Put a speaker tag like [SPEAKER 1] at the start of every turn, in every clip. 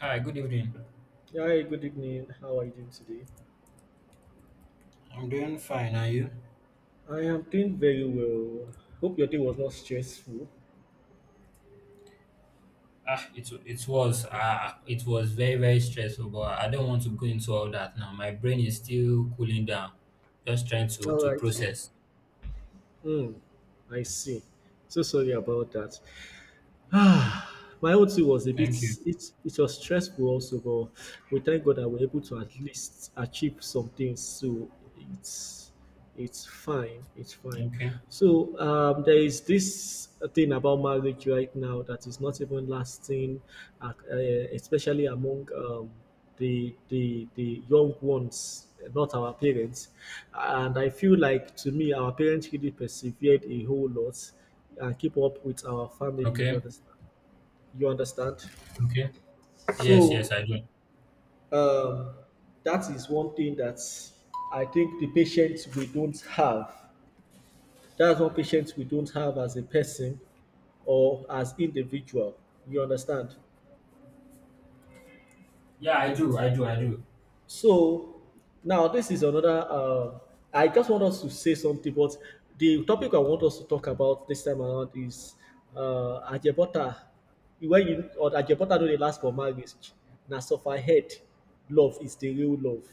[SPEAKER 1] Hi, good evening.
[SPEAKER 2] Yeah, hi, good evening. How are you doing today?
[SPEAKER 1] I'm doing fine, are you?
[SPEAKER 2] I am doing very well. Hope your day was not stressful.
[SPEAKER 1] It was it was very very stressful, but I don't want to go into all that now. My brain is still cooling down, just trying to
[SPEAKER 2] All
[SPEAKER 1] to
[SPEAKER 2] right.
[SPEAKER 1] process.
[SPEAKER 2] Hmm. I see. So sorry about that. Ah, my own too was a bit.
[SPEAKER 1] Thank you.
[SPEAKER 2] It was stressful also, but we thank God that we're able to at least achieve some things. So it's fine. It's fine.
[SPEAKER 1] Okay.
[SPEAKER 2] There is this thing about marriage right now that is not even lasting, uh, uh, especially among the young ones, not our parents. And I feel like to me, our parents really persevered a whole lot and keep up with our family. You
[SPEAKER 1] Okay.
[SPEAKER 2] understand? You understand?
[SPEAKER 1] Okay. Yes.
[SPEAKER 2] So
[SPEAKER 1] Yes, I do.
[SPEAKER 2] um, that is one thing that I think the patience we don't have. That's one patience we don't have as a person or as individual. You understand?
[SPEAKER 1] Yeah, I do. I do. I do.
[SPEAKER 2] So now this is another. I just want us to say something, but the topic I want us to talk about this time around is Ajebota. When you or Ajebota do the last for marriage, na suffer head. Love is the real love.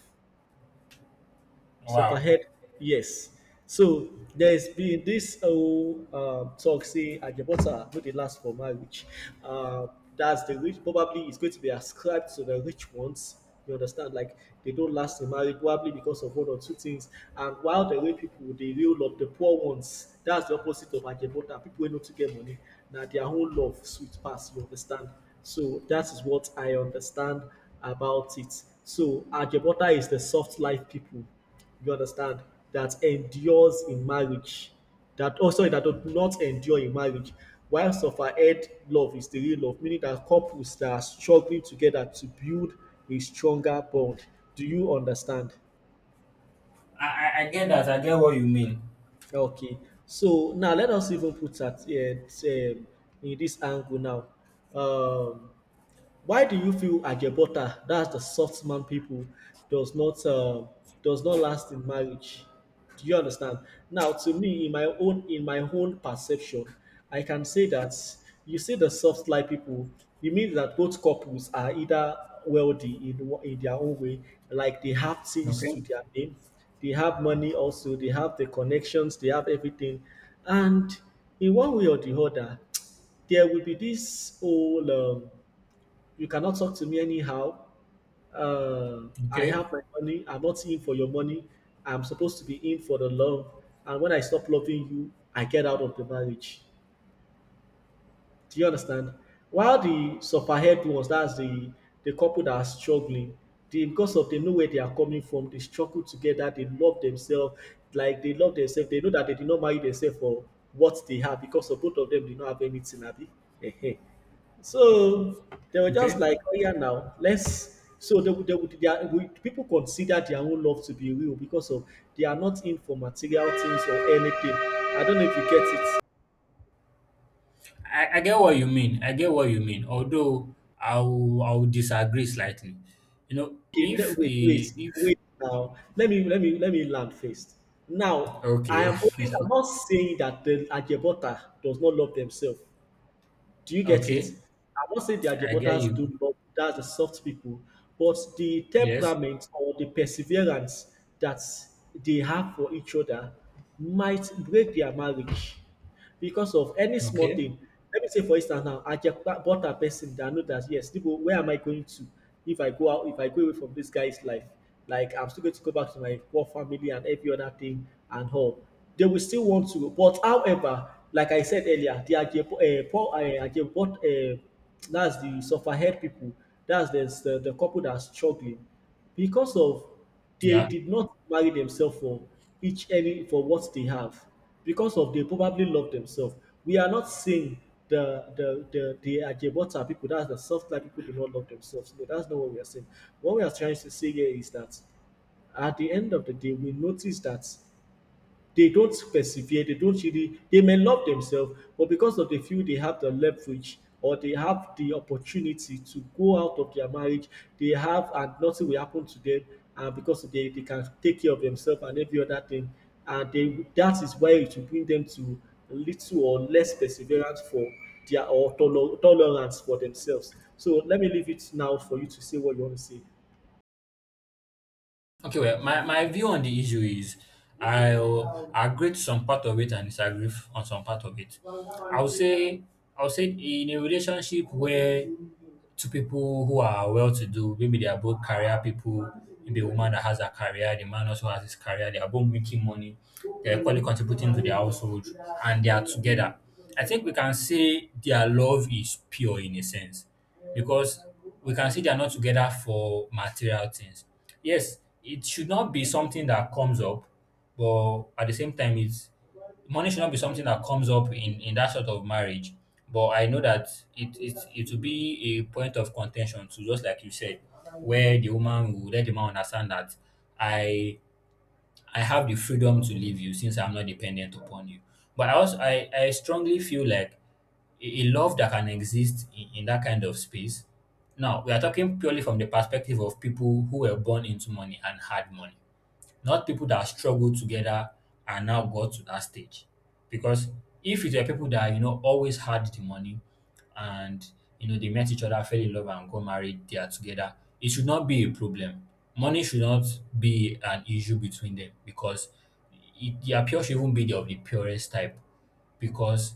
[SPEAKER 2] So for
[SPEAKER 1] Wow.
[SPEAKER 2] head, yes. So there's been this whole talk say Ajebota no dey last for marriage. Uh, that's the rich probably is going to be ascribed to the rich ones. You understand? Like they don't last in marriage probably because of one or two things. And while the rich people they real love the poor ones, that's the opposite of Ajebota. People wey no to get money. Now their whole love sweet pass, you understand? So that is what I understand about it. So Ajebota is the soft life people, you understand, that endures in marriage, that, oh sorry, that does not endure in marriage, while suffered love is the real love, meaning that couples that are struggling together to build a stronger bond. Do you understand?
[SPEAKER 1] I get that. I get what you mean.
[SPEAKER 2] Okay, so now let us even put at in this angle now. um Why do you feel Ajebota, that's the soft man people, does not uh, does not last in marriage? Do you understand? Now, to me, in my own perception, I can say that you see the soft lie people. You mean that both couples are either wealthy in in their own way, like they have things
[SPEAKER 1] Okay.
[SPEAKER 2] to their name, they have money also, they have the connections, they have everything, and in one way or the other, there will be this whole. You cannot talk to me anyhow. I
[SPEAKER 1] Okay.
[SPEAKER 2] have my money. I'm not in for your money. I'm supposed to be in for the love. And when I stop loving you, I get out of the marriage. Do you understand? While the sufferhead ones, that's the couple that are struggling, they, because of they know where they are coming from, they struggle together, they love themselves, like they love themselves. They know that they did not marry themselves for what they have because of both of them did not have anything, Abby. Ehe. So they were just
[SPEAKER 1] Okay.
[SPEAKER 2] like, oh yeah, now let's. So they, would- they, would- they are, we, people consider their own love to be real because of they are not in for material things or anything. I don't know if you get it.
[SPEAKER 1] I get what you mean. I get what you mean. Although I will disagree slightly. You know,
[SPEAKER 2] Okay,
[SPEAKER 1] if
[SPEAKER 2] wait, wait,
[SPEAKER 1] a if
[SPEAKER 2] wait. Now let me land first. Now I
[SPEAKER 1] Okay.
[SPEAKER 2] am always I'm not saying that the Ajebota does not love themselves. Do you get it?
[SPEAKER 1] Okay.
[SPEAKER 2] I'm not saying the
[SPEAKER 1] I get
[SPEAKER 2] Ajebotas
[SPEAKER 1] you.
[SPEAKER 2] do not, that's the soft people, but the
[SPEAKER 1] Yes.
[SPEAKER 2] temperament or the perseverance that they have for each other might break their marriage because of any small
[SPEAKER 1] Okay.
[SPEAKER 2] thing. Let me say, for instance, now I just bought a person that I know that yes, people, where am I going to if I go out, if I go away from this guy's life? Like I'm still going to go back to my poor family and every other thing and all. They will still want to, but however, like I said earlier, the Ajebo, that's the sufferhead people, that's the couple that's struggling because of they
[SPEAKER 1] Yeah.
[SPEAKER 2] did not marry themselves for each any for what they have because of they probably love themselves. We are not saying the Ajebota people, that's the soft life people, do not love themselves. No, that's not what we are saying. What we are trying to say here is that at the end of the day, we notice that they don't persevere, they don't really, they may love themselves, but because of the feel they have the leverage or they have the opportunity to go out of their marriage, they have and nothing will happen to them, and because they can take care of themselves and every other thing, and they that is why it will bring them to little or less perseverance for their or tolerance for themselves. So let me leave it now for you to say what you want to say.
[SPEAKER 1] Okay. Well, my view on the issue is I'll agree to some part of it and disagree on some part of it. I would say I would say in a relationship where two people who are well to do, maybe they are both career people, maybe a woman that has a career, the man also has his career, they are both making money, they're equally contributing to the household, and they are together. I think we can say their love is pure in a sense because we can see they are not together for material things. Yes, it should not be something that comes up, but at the same time, it's money should not be something that comes up in that sort of marriage. But I know that it will be a point of contention. So just like you said, where the woman will let the man understand that I I have the freedom to leave you since I'm not dependent upon you. But I also, I strongly feel like a love that can exist in that kind of space. Now we are talking purely from the perspective of people who were born into money and had money, not people that struggled together and now got to that stage. Because if it were people that, you know, always had the money and, you know, they met each other, fell in love and got married, they are together, it should not be a problem. Money should not be an issue between them because their pure should even be of the purest type because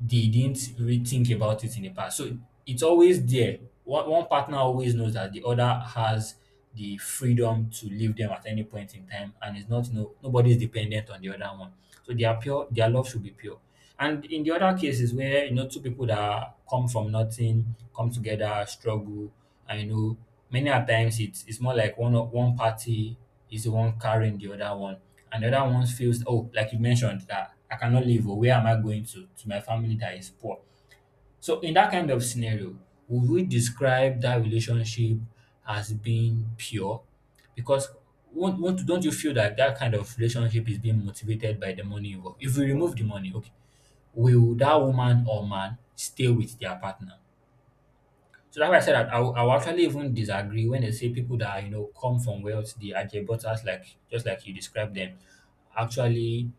[SPEAKER 1] they didn't really think about it in the past. So it's always there. One partner always knows that the other has the freedom to leave them at any point in time, and it's not no nobody's dependent on the other one. So their pure. Their love should be pure. And in the other cases where you know two people that come from nothing come together, struggle, I know many a times it's more like one party is the one carrying the other one, and the other one feels, oh, like you mentioned, that I cannot live, or where am I going to my family that is poor. So in that kind of scenario, would we describe that relationship as being pure? Because won't, don't you feel that that kind of relationship is being motivated by the money involved? If we remove the money, okay, will that woman or man stay with their partner? So that's why I said that I will actually even disagree when they say people that, you know, come from wealth, the Ajebutas, like just like you described them, actually,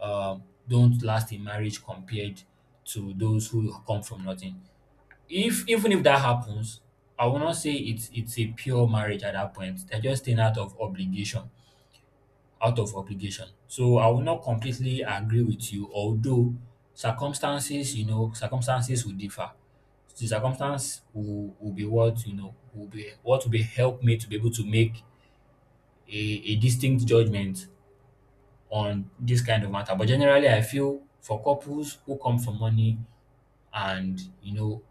[SPEAKER 1] don't last in marriage compared to those who come from nothing. If Even if that happens, I will not say it's a pure marriage at that point. They're just staying out of obligation, out of obligation. So I will not completely agree with you, although circumstances, you know, circumstances will differ. The circumstance will be what, you know, will be what will be, help me to be able to make a distinct judgment on this kind of matter. But generally I feel for couples who come for money, and, you know,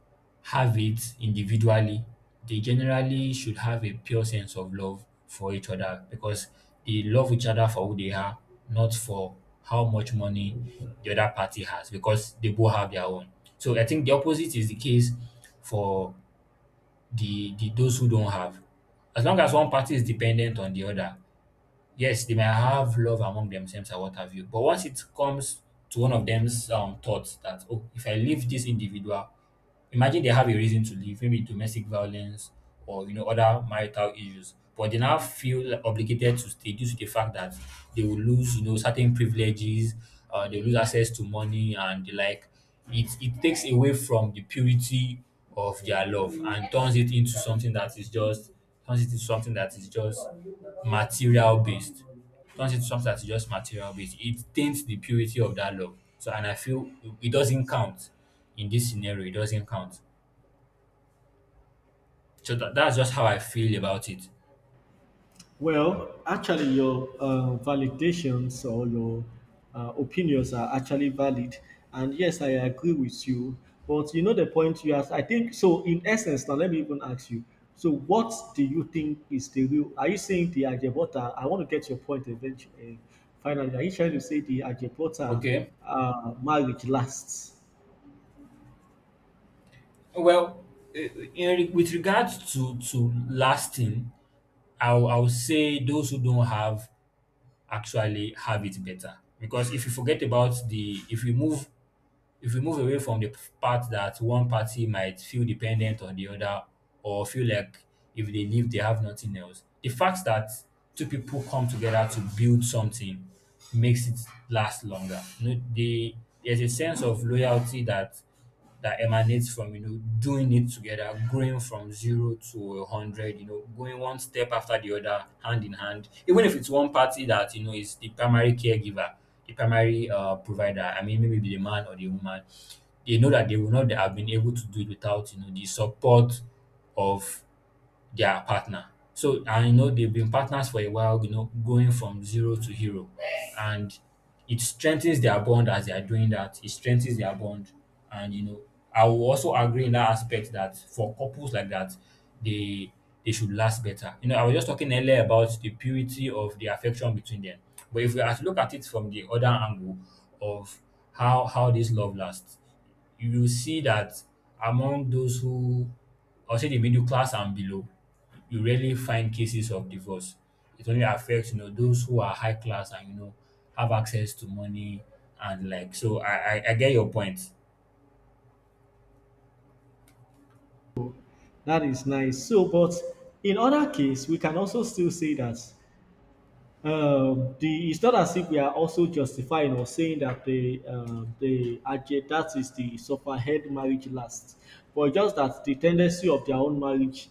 [SPEAKER 1] have it individually, they generally should have a pure sense of love for each other because they love each other for who they are, not for how much money the other party has because they both have their own. So I think the opposite is the case for the those who don't have. As long as one party is dependent on the other, yes, they may have love among themselves or what have you. But once it comes to one of them's thoughts that, oh, if I leave this individual, imagine they have a reason to leave, maybe domestic violence or, you know, other marital issues. But they now feel obligated to stay due to the fact that they will lose, you know, certain privileges, they will lose access to money and the like. It takes away from the purity of their love and turns it into something that is just turns it into something that is just material based. Turns into something that's just material based. It taints the purity of that love. So, and I feel it doesn't count in this scenario. It doesn't count. So that's just how I feel about it.
[SPEAKER 2] Well, actually, your validations or your opinions are actually valid, and yes, I agree with you. But you know the point you asked. I think so. In essence, now let me even ask you. So, what do you think is the real? Are you saying the Ajebota? I want to get your point eventually. Finally, are you trying to say the Ajebota
[SPEAKER 1] Okay.
[SPEAKER 2] marriage lasts?
[SPEAKER 1] Well, with regards to lasting, I'll say those who don't have actually have it better because if you forget about the if we move away from the part that one party might feel dependent on the other or feel like if they leave they have nothing else, the fact that two people come together to build something makes it last longer. You know, they, there's a sense of loyalty that emanates from, you know, doing it together, growing from zero to 100, you know, going one step after the other, hand in hand. Even if it's one party that, you know, is the primary caregiver, the primary provider, I mean, maybe the man or the woman, they know that they will not have been able to do it without, you know, the support of their partner. So, and you know, they've been partners for a while, you know, going from zero to hero. And it strengthens their bond as they are doing that. It strengthens their bond. And, you know, I will also agree in that aspect that for couples like that, they they should last better. You know, I was just talking earlier about the purity of the affection between them. But if we are to look at it from the other angle of how this love lasts, you will see that among those who, I'll say the middle class and below, you rarely find cases of divorce. It only affects, you know, those who are high class and, you know, have access to money and like, so I get your point.
[SPEAKER 2] That is nice. So, but in other case, we can also still say that. The it's not as if we are also justifying or saying that the Ajay, that is the sufferhead marriage, lasts, but just that the tendency of their own marriage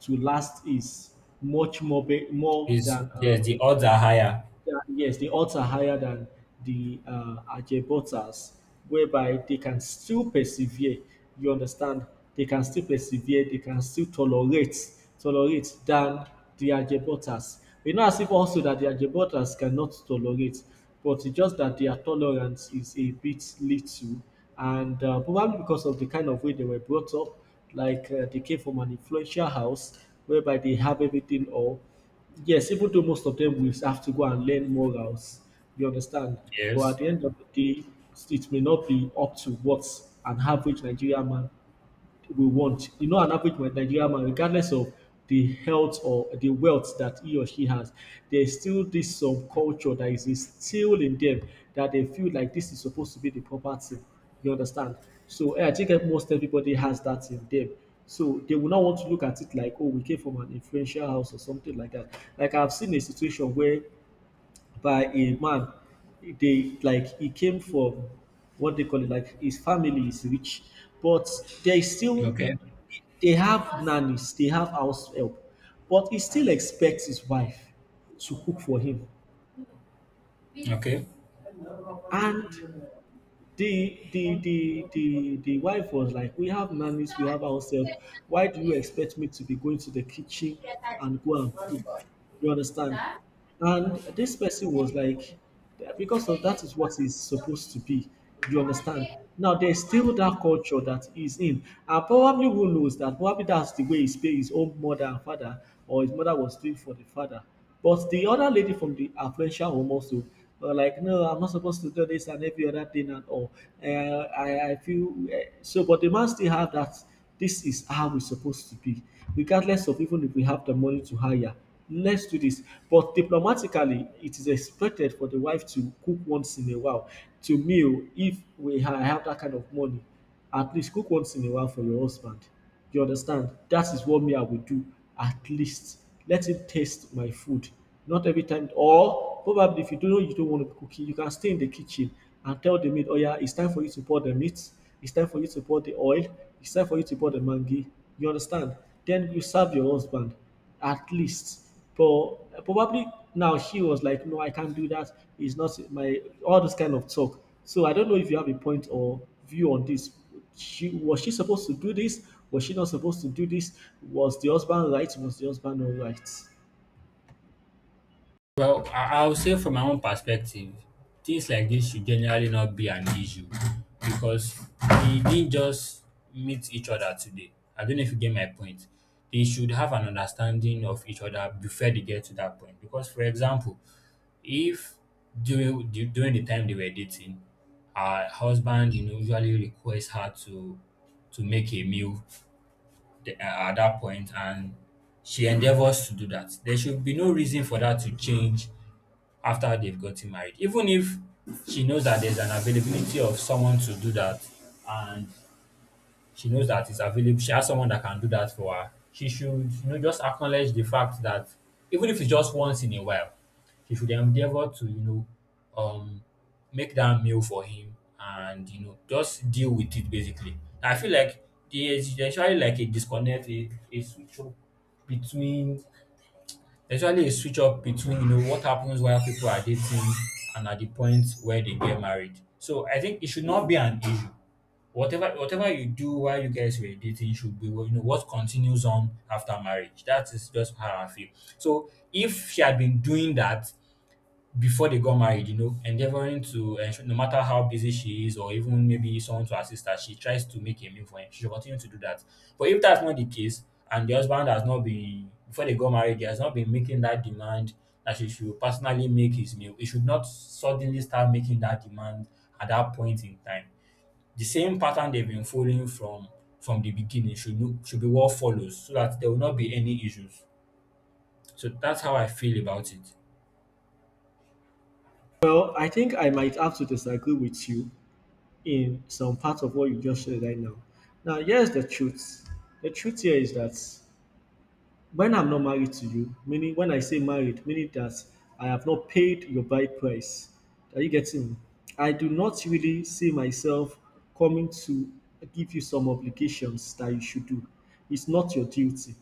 [SPEAKER 2] to last is much more more
[SPEAKER 1] Is
[SPEAKER 2] than
[SPEAKER 1] Yes, the odds are higher.
[SPEAKER 2] yeah, yes, the odds are higher than the Ajebotas, whereby they can still persevere. You understand? They can still persevere. They can still tolerate than the Ajebotas. You know, as if also that the Ajebotas cannot tolerate, but it's just that their tolerance is a bit little, and probably because of the kind of way they were brought up, like they came from an influential house whereby they have everything all. Yes, even though most of them will have to go and learn more routes, you understand? But at
[SPEAKER 1] Yes.
[SPEAKER 2] the end of the day, it may not be up to what an average Nigerian man we want. You know, an average Nigerian man, regardless of the health or the wealth that he or she has, there's still this some culture that is instilled in them that they feel like this is supposed to be the proper thing. You understand? So eh, I think that most everybody has that in them. So they will not want to look at it like, oh, we came from an influential house or something like that. Like I've seen a situation where by a man. They like he came from what they call it, like his family is rich, but they still
[SPEAKER 1] Okay.
[SPEAKER 2] they have nannies, they have house help, but he still expects his wife to cook for him.
[SPEAKER 1] Okay.
[SPEAKER 2] And the the wife was like, we have nannies, we have ourselves, why do you expect me to be going to the kitchen and go and cook, you understand? And this person was like, "Yeah, because of that is what is supposed to be, you understand, now there's still that culture that he's in, and probably who knows that probably that's the way his own mother and father or his mother was doing for the father, but the other lady from the affluential home also were like, no, I'm not supposed to do this and every other thing and all. I feel so, but the man still have that. This is how we're supposed to be, regardless of even if we have the money to hire. Let's do this. But diplomatically, it is expected for the wife to cook once in a while to meal if we have that kind of money. At least cook once in a while for your husband. You understand? That is what me I will do at least. Let him taste my food. Not every time, or probably if you don't know you don't want to cook it, you can stay in the kitchen and tell the maid, oh yeah, it's time for you to pour the meat, it's time for you to pour the oil, it's time for you to pour the mangi. You understand? Then you serve your husband at least. But probably now she was like, no, I can't do that. It's not my all this kind of talk. So I don't know if you have a point or view on this. She was she supposed to do this? Was she not supposed to do this? Was the husband right? Was the husband not right?
[SPEAKER 1] Well, I'll say from my own perspective, things like this should generally not be an issue because they didn't just meet each other today. I don't know if you get my point. They should have an understanding of each other before they get to that point. Because, for example, if during during the time they were dating, her husband, you know, usually requests her to make a meal the- uh, at that point, and she endeavors to do that, there should be no reason for that to change after they've gotten married. Even if she knows that there's an availability of someone to do that, and she knows that it's available, she has someone that can do that for her, she should, you know, just acknowledge the fact that even if it's just once in a while, she should endeavor to, you know, um, make that meal for him and, you know, just deal with it basically. I feel like there's usually like a disconnect, a switch up between, there's usually a switch up between, you know, what happens while people are dating and at the point where they get married. So I think it should not be an issue. Whatever you do while you guys were dating should be, well, you know, what continues on after marriage. That is just how I feel. So if she had been doing that before they got married, you know, endeavoring to ensure no matter how busy she is, or even maybe someone to assist her, she tries to make a meal for him, she should continue to do that. But if that's not the case, and the husband has not been, before they got married, he has not been making that demand that she should personally make his meal, he should not suddenly start making that demand at that point in time. The same pattern they've been following from the beginning, should be what follows, so that there will not be any issues. So that's how I feel about it.
[SPEAKER 2] Well, I think I might have to disagree with you in some part of what you just said right now. Now, here's the truth. The truth here is that when I'm not married to you, meaning when I say married, meaning that I have not paid your bride price. Are you getting me? I do not really see myself coming to give you some obligations that you should do. It's not your duty.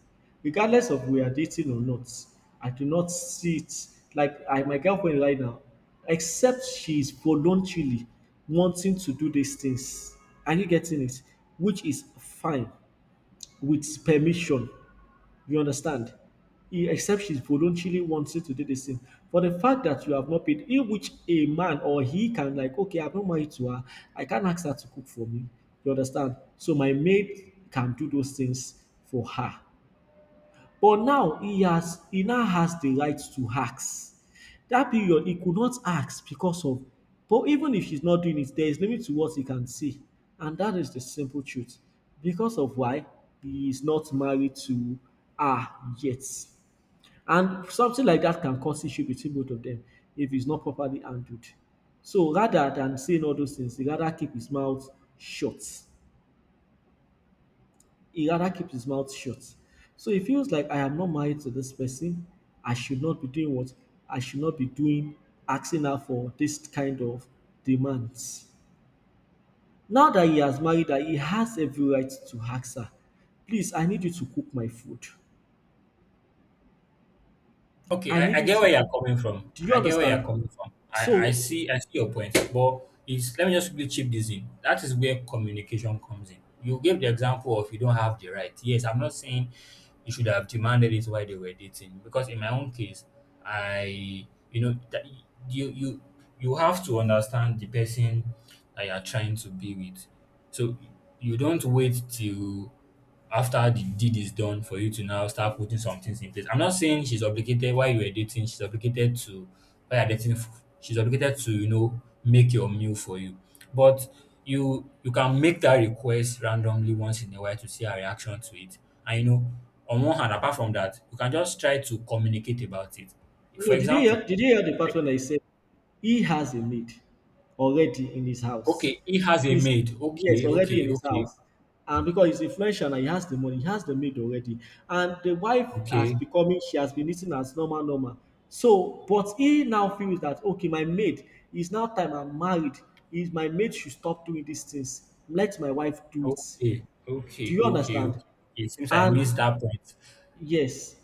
[SPEAKER 2] Regardless of we are dating or not, I do not see it like I my girlfriend right now, except she is voluntarily wanting to do these things. Are you getting it? Which is fine, with permission, you understand? He Except she voluntarily wanted to do this thing. For the fact that you have not paid, in which a man or he can, like, okay, I'm not married to her, I can't ask her to cook for me. You understand? So my maid can do those things for her. But now he now has the right to ask. That period he could not ask because of, but even if he's not doing it, there is limit to what he can say. And that is the simple truth. Because of why he is not married to her yet. And something like that can cause issue between both of them if it's not properly handled. So rather than saying all those things, shut he rather keeps his mouth shut. So he feels like I am not married to this person. I should not be doing what I should not be doing, asking her for this kind of demands. Now that he has married her, he has every right to ask her, please, I need you to cook my food.
[SPEAKER 1] Okay,
[SPEAKER 2] I
[SPEAKER 1] I
[SPEAKER 2] need
[SPEAKER 1] I
[SPEAKER 2] you
[SPEAKER 1] get
[SPEAKER 2] to
[SPEAKER 1] where you're
[SPEAKER 2] cook.
[SPEAKER 1] coming from.
[SPEAKER 2] Do you
[SPEAKER 1] I get where
[SPEAKER 2] understand?
[SPEAKER 1] you're coming from. I
[SPEAKER 2] So,
[SPEAKER 1] see I see your point, but it's let me just quickly chip this in. That is where communication comes in. You gave the example of you don't have the right. Yes, I'm not saying you should have demanded it while they were dating because in my own case, I you know that you you have to understand the person that you're trying to be with. So you don't wait till after the deed is done for you to now start putting some things in place. I'm not saying she's obligated while you were dating, she's obligated to while you're dating, she's obligated to, make your meal for you. But you can make that request randomly once in a while to see her reaction to it. And you know, on one hand, apart from that, you can just try to communicate about it. For
[SPEAKER 2] no,
[SPEAKER 1] example,
[SPEAKER 2] did you hear the part when I said he has a maid already in his house.
[SPEAKER 1] okay, he has a
[SPEAKER 2] He's,
[SPEAKER 1] maid.
[SPEAKER 2] yes,
[SPEAKER 1] Okay,
[SPEAKER 2] already in
[SPEAKER 1] okay,
[SPEAKER 2] his
[SPEAKER 1] okay,
[SPEAKER 2] house. And because he's influential and he has the money, he has the maid already. And the wife has
[SPEAKER 1] okay,
[SPEAKER 2] becoming, she has been eating as normal, normal. So, but he now feels that okay, my maid is now time I'm married. Is my maid should stop doing these things. Let my wife do it.
[SPEAKER 1] okay,
[SPEAKER 2] Do
[SPEAKER 1] okay,
[SPEAKER 2] you
[SPEAKER 1] okay,
[SPEAKER 2] understand?
[SPEAKER 1] okay. It seems I
[SPEAKER 2] And
[SPEAKER 1] missed that point.
[SPEAKER 2] yes,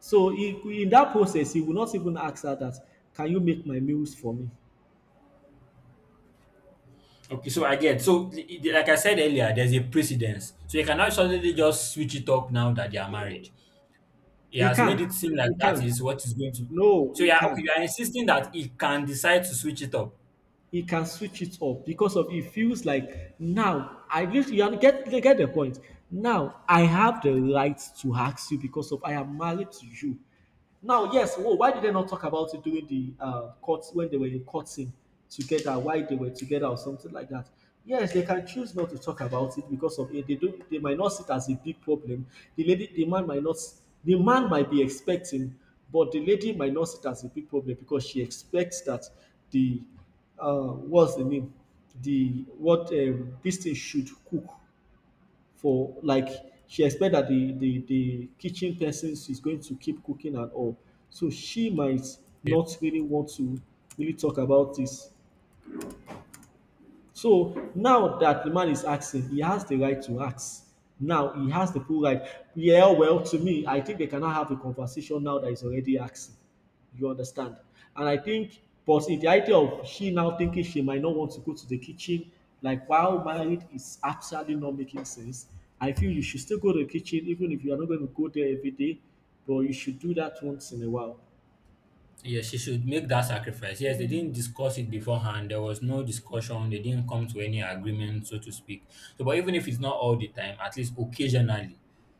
[SPEAKER 2] so he, in that process, he will not even ask her that, can you make my meals for me?
[SPEAKER 1] Okay, so again, like I said earlier, there's a precedence. So you cannot suddenly just switch it up now that they are married. He
[SPEAKER 2] He
[SPEAKER 1] has made
[SPEAKER 2] can.
[SPEAKER 1] it seem like
[SPEAKER 2] He
[SPEAKER 1] that
[SPEAKER 2] can.
[SPEAKER 1] is what is going to.
[SPEAKER 2] No,
[SPEAKER 1] So
[SPEAKER 2] he
[SPEAKER 1] yeah,
[SPEAKER 2] can.
[SPEAKER 1] okay, you are insisting that he can decide to switch it up.
[SPEAKER 2] He can switch it up because of he feels like now I get you, get the point. Now I have the right to ask you because of I am married to you. Now, yes, whoa, why did they not talk about it during the court when they were in court scene together? Why they were together or something like that? Yes, they can choose not to talk about it because of it. They do. They might not see it as a big problem. The lady, the man might not. The man might be expecting, but the lady might not see it as a big problem because she expects that the what's the name? The what, this thing should cook for. Like she expect that the kitchen person is going to keep cooking and all, so she might not really want to really talk about this. So now that the man is asking, he has the right to ask. Now he has the full right. Yeah, well, to me, I think they cannot have a conversation now that is already asking. You understand? And I think, but in the idea of she now thinking she might not want to go to the kitchen, like while married is absolutely not making sense. I feel you should still go to the kitchen, even if you are not going to go there every day, but you should do that once in a while.
[SPEAKER 1] Yes, she should make that sacrifice. Yes, they didn't discuss it beforehand. There was no discussion. They didn't come to any agreement, so to speak. So, but even if it's not all the time, at least occasionally,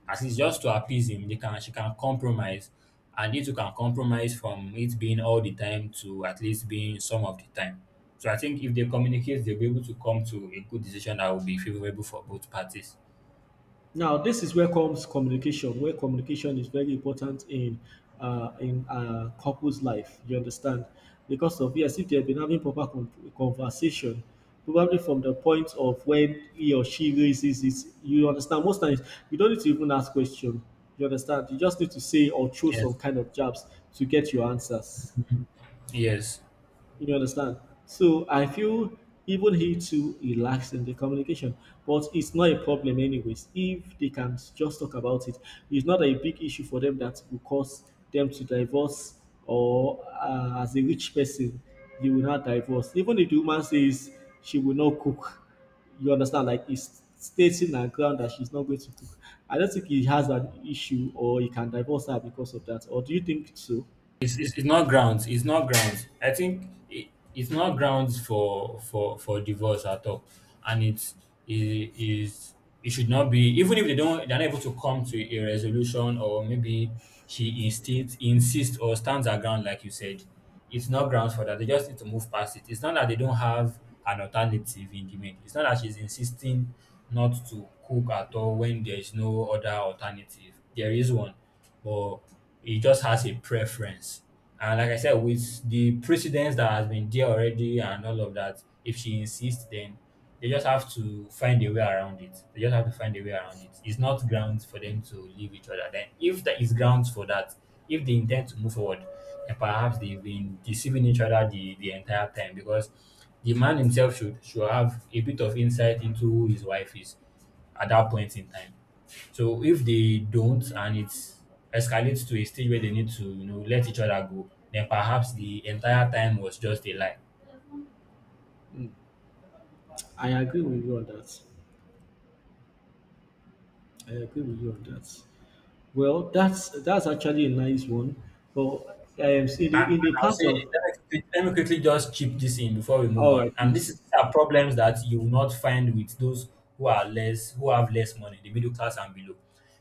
[SPEAKER 1] at least just to appease him, they can she can compromise, and it too can compromise from it being all the time to at least being some of the time. So I think if they communicate, they'll be able to come to a good decision that will be favorable for both parties.
[SPEAKER 2] Now, this is where comes communication, where communication is very important in, in a couple's life. You understand? Because of yes, if they have been having proper conversation, probably from the point of when he or she raises it, you understand. Most times, you don't need to even ask question. You understand? You just need to say or throw some
[SPEAKER 1] Yes.
[SPEAKER 2] kind of jabs to get your answers.
[SPEAKER 1] Yes.
[SPEAKER 2] You understand? So I feel even he too he lacks in the communication, but it's not a problem anyways. If they can just talk about it, it's not a big issue for them that will cause them to divorce or, as a rich person, you will not divorce. Even if the woman says she will not cook, you understand? Like it's stating her ground that she's not going to cook. I don't think he has an issue or he can divorce her because of that. Or do you think so?
[SPEAKER 1] It's not grounds. It's not grounds. I think it's not grounds for for divorce at all, and it's it is it should not be even if they're not able to come to a resolution, or maybe she insists insists or stands her ground like you said. It's not grounds for that. They just need to move past it. It's not that they don't have an alternative in the maid. It's not that she's insisting not to cook at all when there is no other alternative. There is one, but he just has a preference. And like I said, with the precedence that has been there already and all of that, if she insists, then they just have to find a way around it. They just have to find a way around it. It's not grounds for them to leave each other. Then, if there is grounds for that, if they intend to move forward, then perhaps they've been deceiving each other the entire time, because the man himself should have a bit of insight into who his wife is at that point in time. So if they don't, and it escalates to a stage where they need to, you know, let each other go, then perhaps the entire time was just a lie.
[SPEAKER 2] I agree with you on that. I agree with you on that. Well, that's actually a nice one. But
[SPEAKER 1] And,
[SPEAKER 2] in the
[SPEAKER 1] and I'll
[SPEAKER 2] part
[SPEAKER 1] say,
[SPEAKER 2] of,
[SPEAKER 1] let me quickly just chip this in before we move
[SPEAKER 2] all
[SPEAKER 1] on.
[SPEAKER 2] right,
[SPEAKER 1] And this is,
[SPEAKER 2] please.
[SPEAKER 1] these are problems that you will not find with those who are less, who have less money, the middle class and below.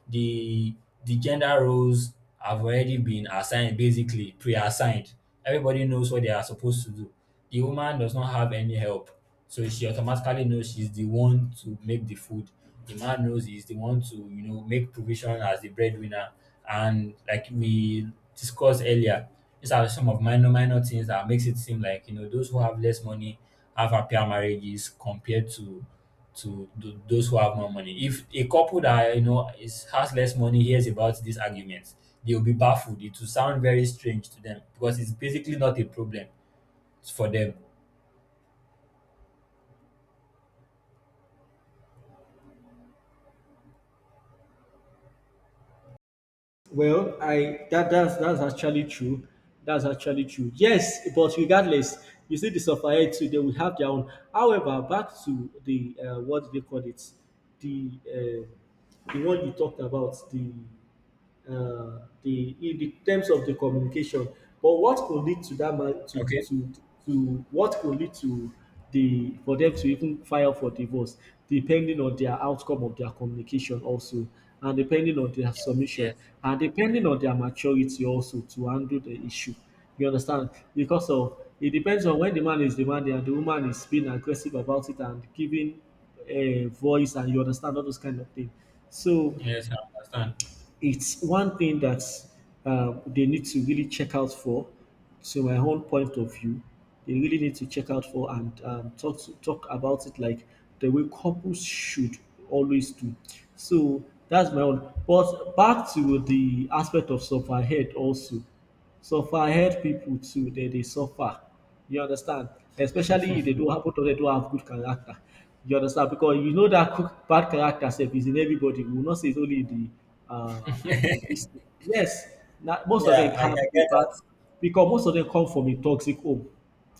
[SPEAKER 1] The the gender roles have already been assigned, basically pre-assigned. Everybody knows what they are supposed to do. The woman does not have any help, so she automatically knows she's the one to make the food. The man knows he's the one to, you know, make provision as the breadwinner. And like we discussed earlier, these are some of minor things that makes it seem like, you know, those who have less money have happier marriages compared to those who have more money. If a couple that you know is has less money hears about these arguments, they will be baffled. It will sound very strange to them because it's basically not a problem for them.
[SPEAKER 2] Well, I that's actually true. That's actually true. Yes, but regardless, you see the supplier too. They will have their own. However, back to the what do they call it? The one you talked about the, the in the terms of the communication. But what could lead to that ma-
[SPEAKER 1] Okay.
[SPEAKER 2] to to what could lead to the for them to even file for divorce depending on their outcome of their communication also and depending on their
[SPEAKER 1] Yes,
[SPEAKER 2] submission
[SPEAKER 1] yes,
[SPEAKER 2] and depending on their maturity also to handle the issue, you understand, because of it depends on when the man is demanding and the woman is being aggressive about it and giving a voice and you understand all those kind of things. So
[SPEAKER 1] yes, I understand.
[SPEAKER 2] it's one thing that, they need to really check out for. To my own point of view, they really need to check out for and, talk about it like the way couples should always do. So that's my own. But back to the aspect of survive head also suffer head people too, they suffer, you understand, especially if they don't have, both of them don't have good character, you understand, because you know that cook bad character sef is in everybody. We will not say it's only the, uh the this thing. Yes, na most of them
[SPEAKER 1] Yeah,
[SPEAKER 2] have
[SPEAKER 1] I
[SPEAKER 2] a
[SPEAKER 1] get
[SPEAKER 2] bad,
[SPEAKER 1] that.
[SPEAKER 2] because most of them come from a toxic home,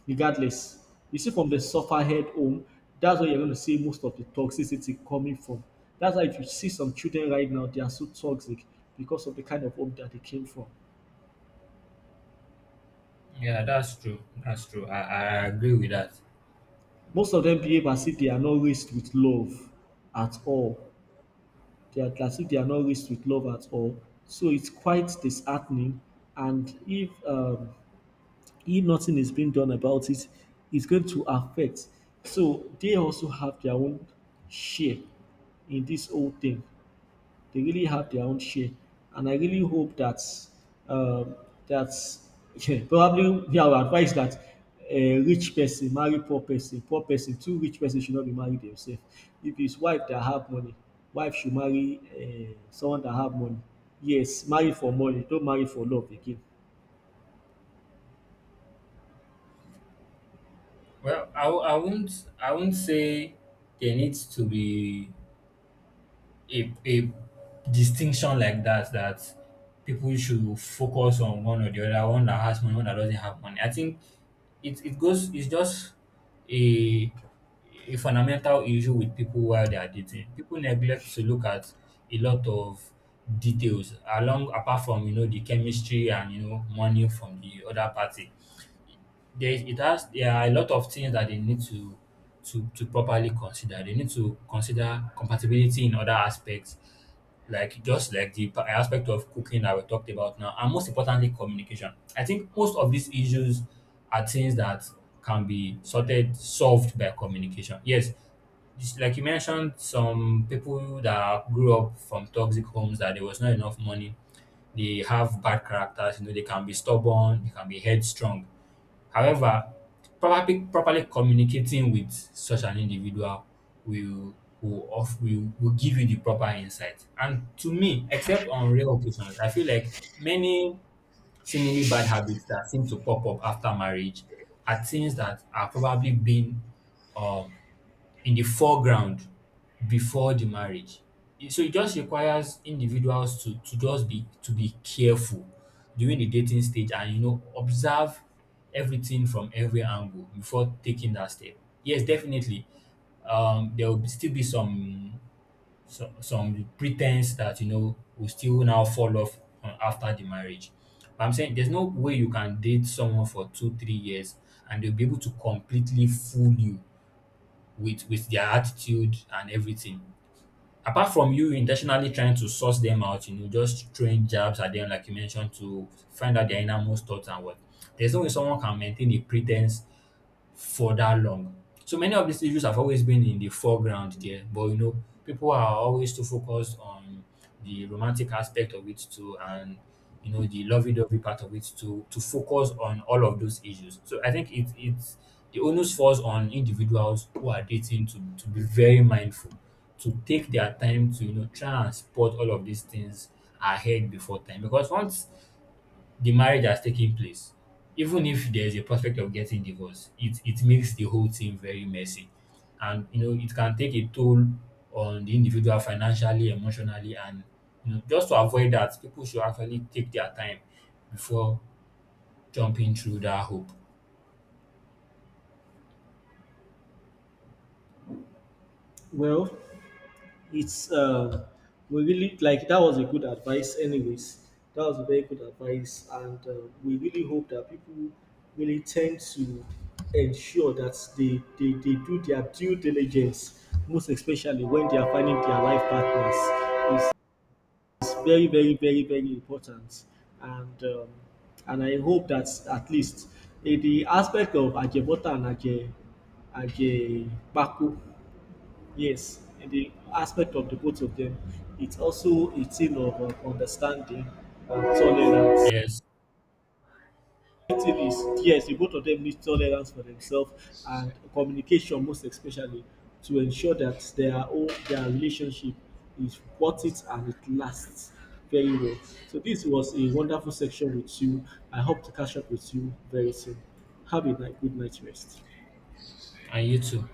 [SPEAKER 2] regardless, you see from the suffer head home, that's where you're going to see most of the toxicity coming from. That's why if you see some children right now they are so toxic because of the kind of home that they came from.
[SPEAKER 1] Yeah, that's true. That's true. I agree with that.
[SPEAKER 2] Most of them behave as if they are not raised with love at all. They are as if they are not raised with love at all. So it's quite disheartening. And if, if nothing is being done about it, it's going to affect. So they also have their own share in this whole thing. They really have their own share, and I really hope that, um, that yeah, probably me I would advise that a rich person marry poor person two rich person should not be married themselves. If it's wife that have money, wife should marry, someone that have money. Yes, marry for money, don't marry for love again.
[SPEAKER 1] Well, I won't, I won't say there needs to be a distinction like that, that people should focus on one or the other, one that has money, one that doesn't have money. I think it goes it's just a a fundamental issue with people while they are dating. People neglect to look at a lot of details along apart from, you know, the chemistry and, you know, money from the other party. There is it has There are a lot of things that they need to to properly consider. They need to consider compatibility in other aspects, just like the aspect of cooking that we talked about now, and most importantly, communication. I think most of these issues are things that can be sorted solved by communication. Yes, it's like you mentioned, some people that grew up from toxic homes that there was not enough money, they have bad characters, you know, they can be stubborn, they can be headstrong. However, properly communicating with such an individual will will, of, will give you the proper insight. And to me, except on rare occasions, I feel like many seemingly bad habits that seem to pop up after marriage are things that have probably been um, in the foreground before the marriage. So it just requires individuals to just be to be careful during the dating stage, and you know, observe everything from every angle before taking that step. Yes, definitely. There will still be some some pretense that, you know, will still now fall off after the marriage. But I'm saying there's no way you can date someone for 2, 3 years and they'll be able to completely fool you with their attitude and everything. Apart from you intentionally trying to source them out, you know, just throwing jabs at them like you mentioned to find out their innermost thoughts and what. There's no way someone can maintain a pretense for that long. So many of these issues have always been in the foreground there, but you know, people are always too focused on the romantic aspect of it too, and you know, the lovey-dovey part of it too, to focus on all of those issues. So I think it's the onus falls on individuals who are dating to be very mindful, to take their time to, you know, try and spot all of these things ahead before time, because once the marriage has taken place, even if there's a prospect of getting divorced, it makes the whole thing very messy, and you know, it can take a toll on the individual financially, emotionally, and you know, just to avoid that, people should actually take their time before jumping through that hoop.
[SPEAKER 2] Well, it's, we really like that was a good advice anyways, that was a very good advice, and, we really hope that people really tend to ensure that they do their due diligence, most especially when they are finding their life partners. it's, it's very very very very important, and, and I hope that at least in the aspect of ajebota and aje ajepako. Yes, in the aspect of the both of them, it's also a thing of, understanding and tolerance.
[SPEAKER 1] Yes.
[SPEAKER 2] The thing is, yes, the both of them need tolerance for themselves and communication, most especially, to ensure that their own their relationship is worth it and it lasts very well. So this was a wonderful section with you. I hope to catch up with you very soon. Have a night, good night rest.
[SPEAKER 1] And you too.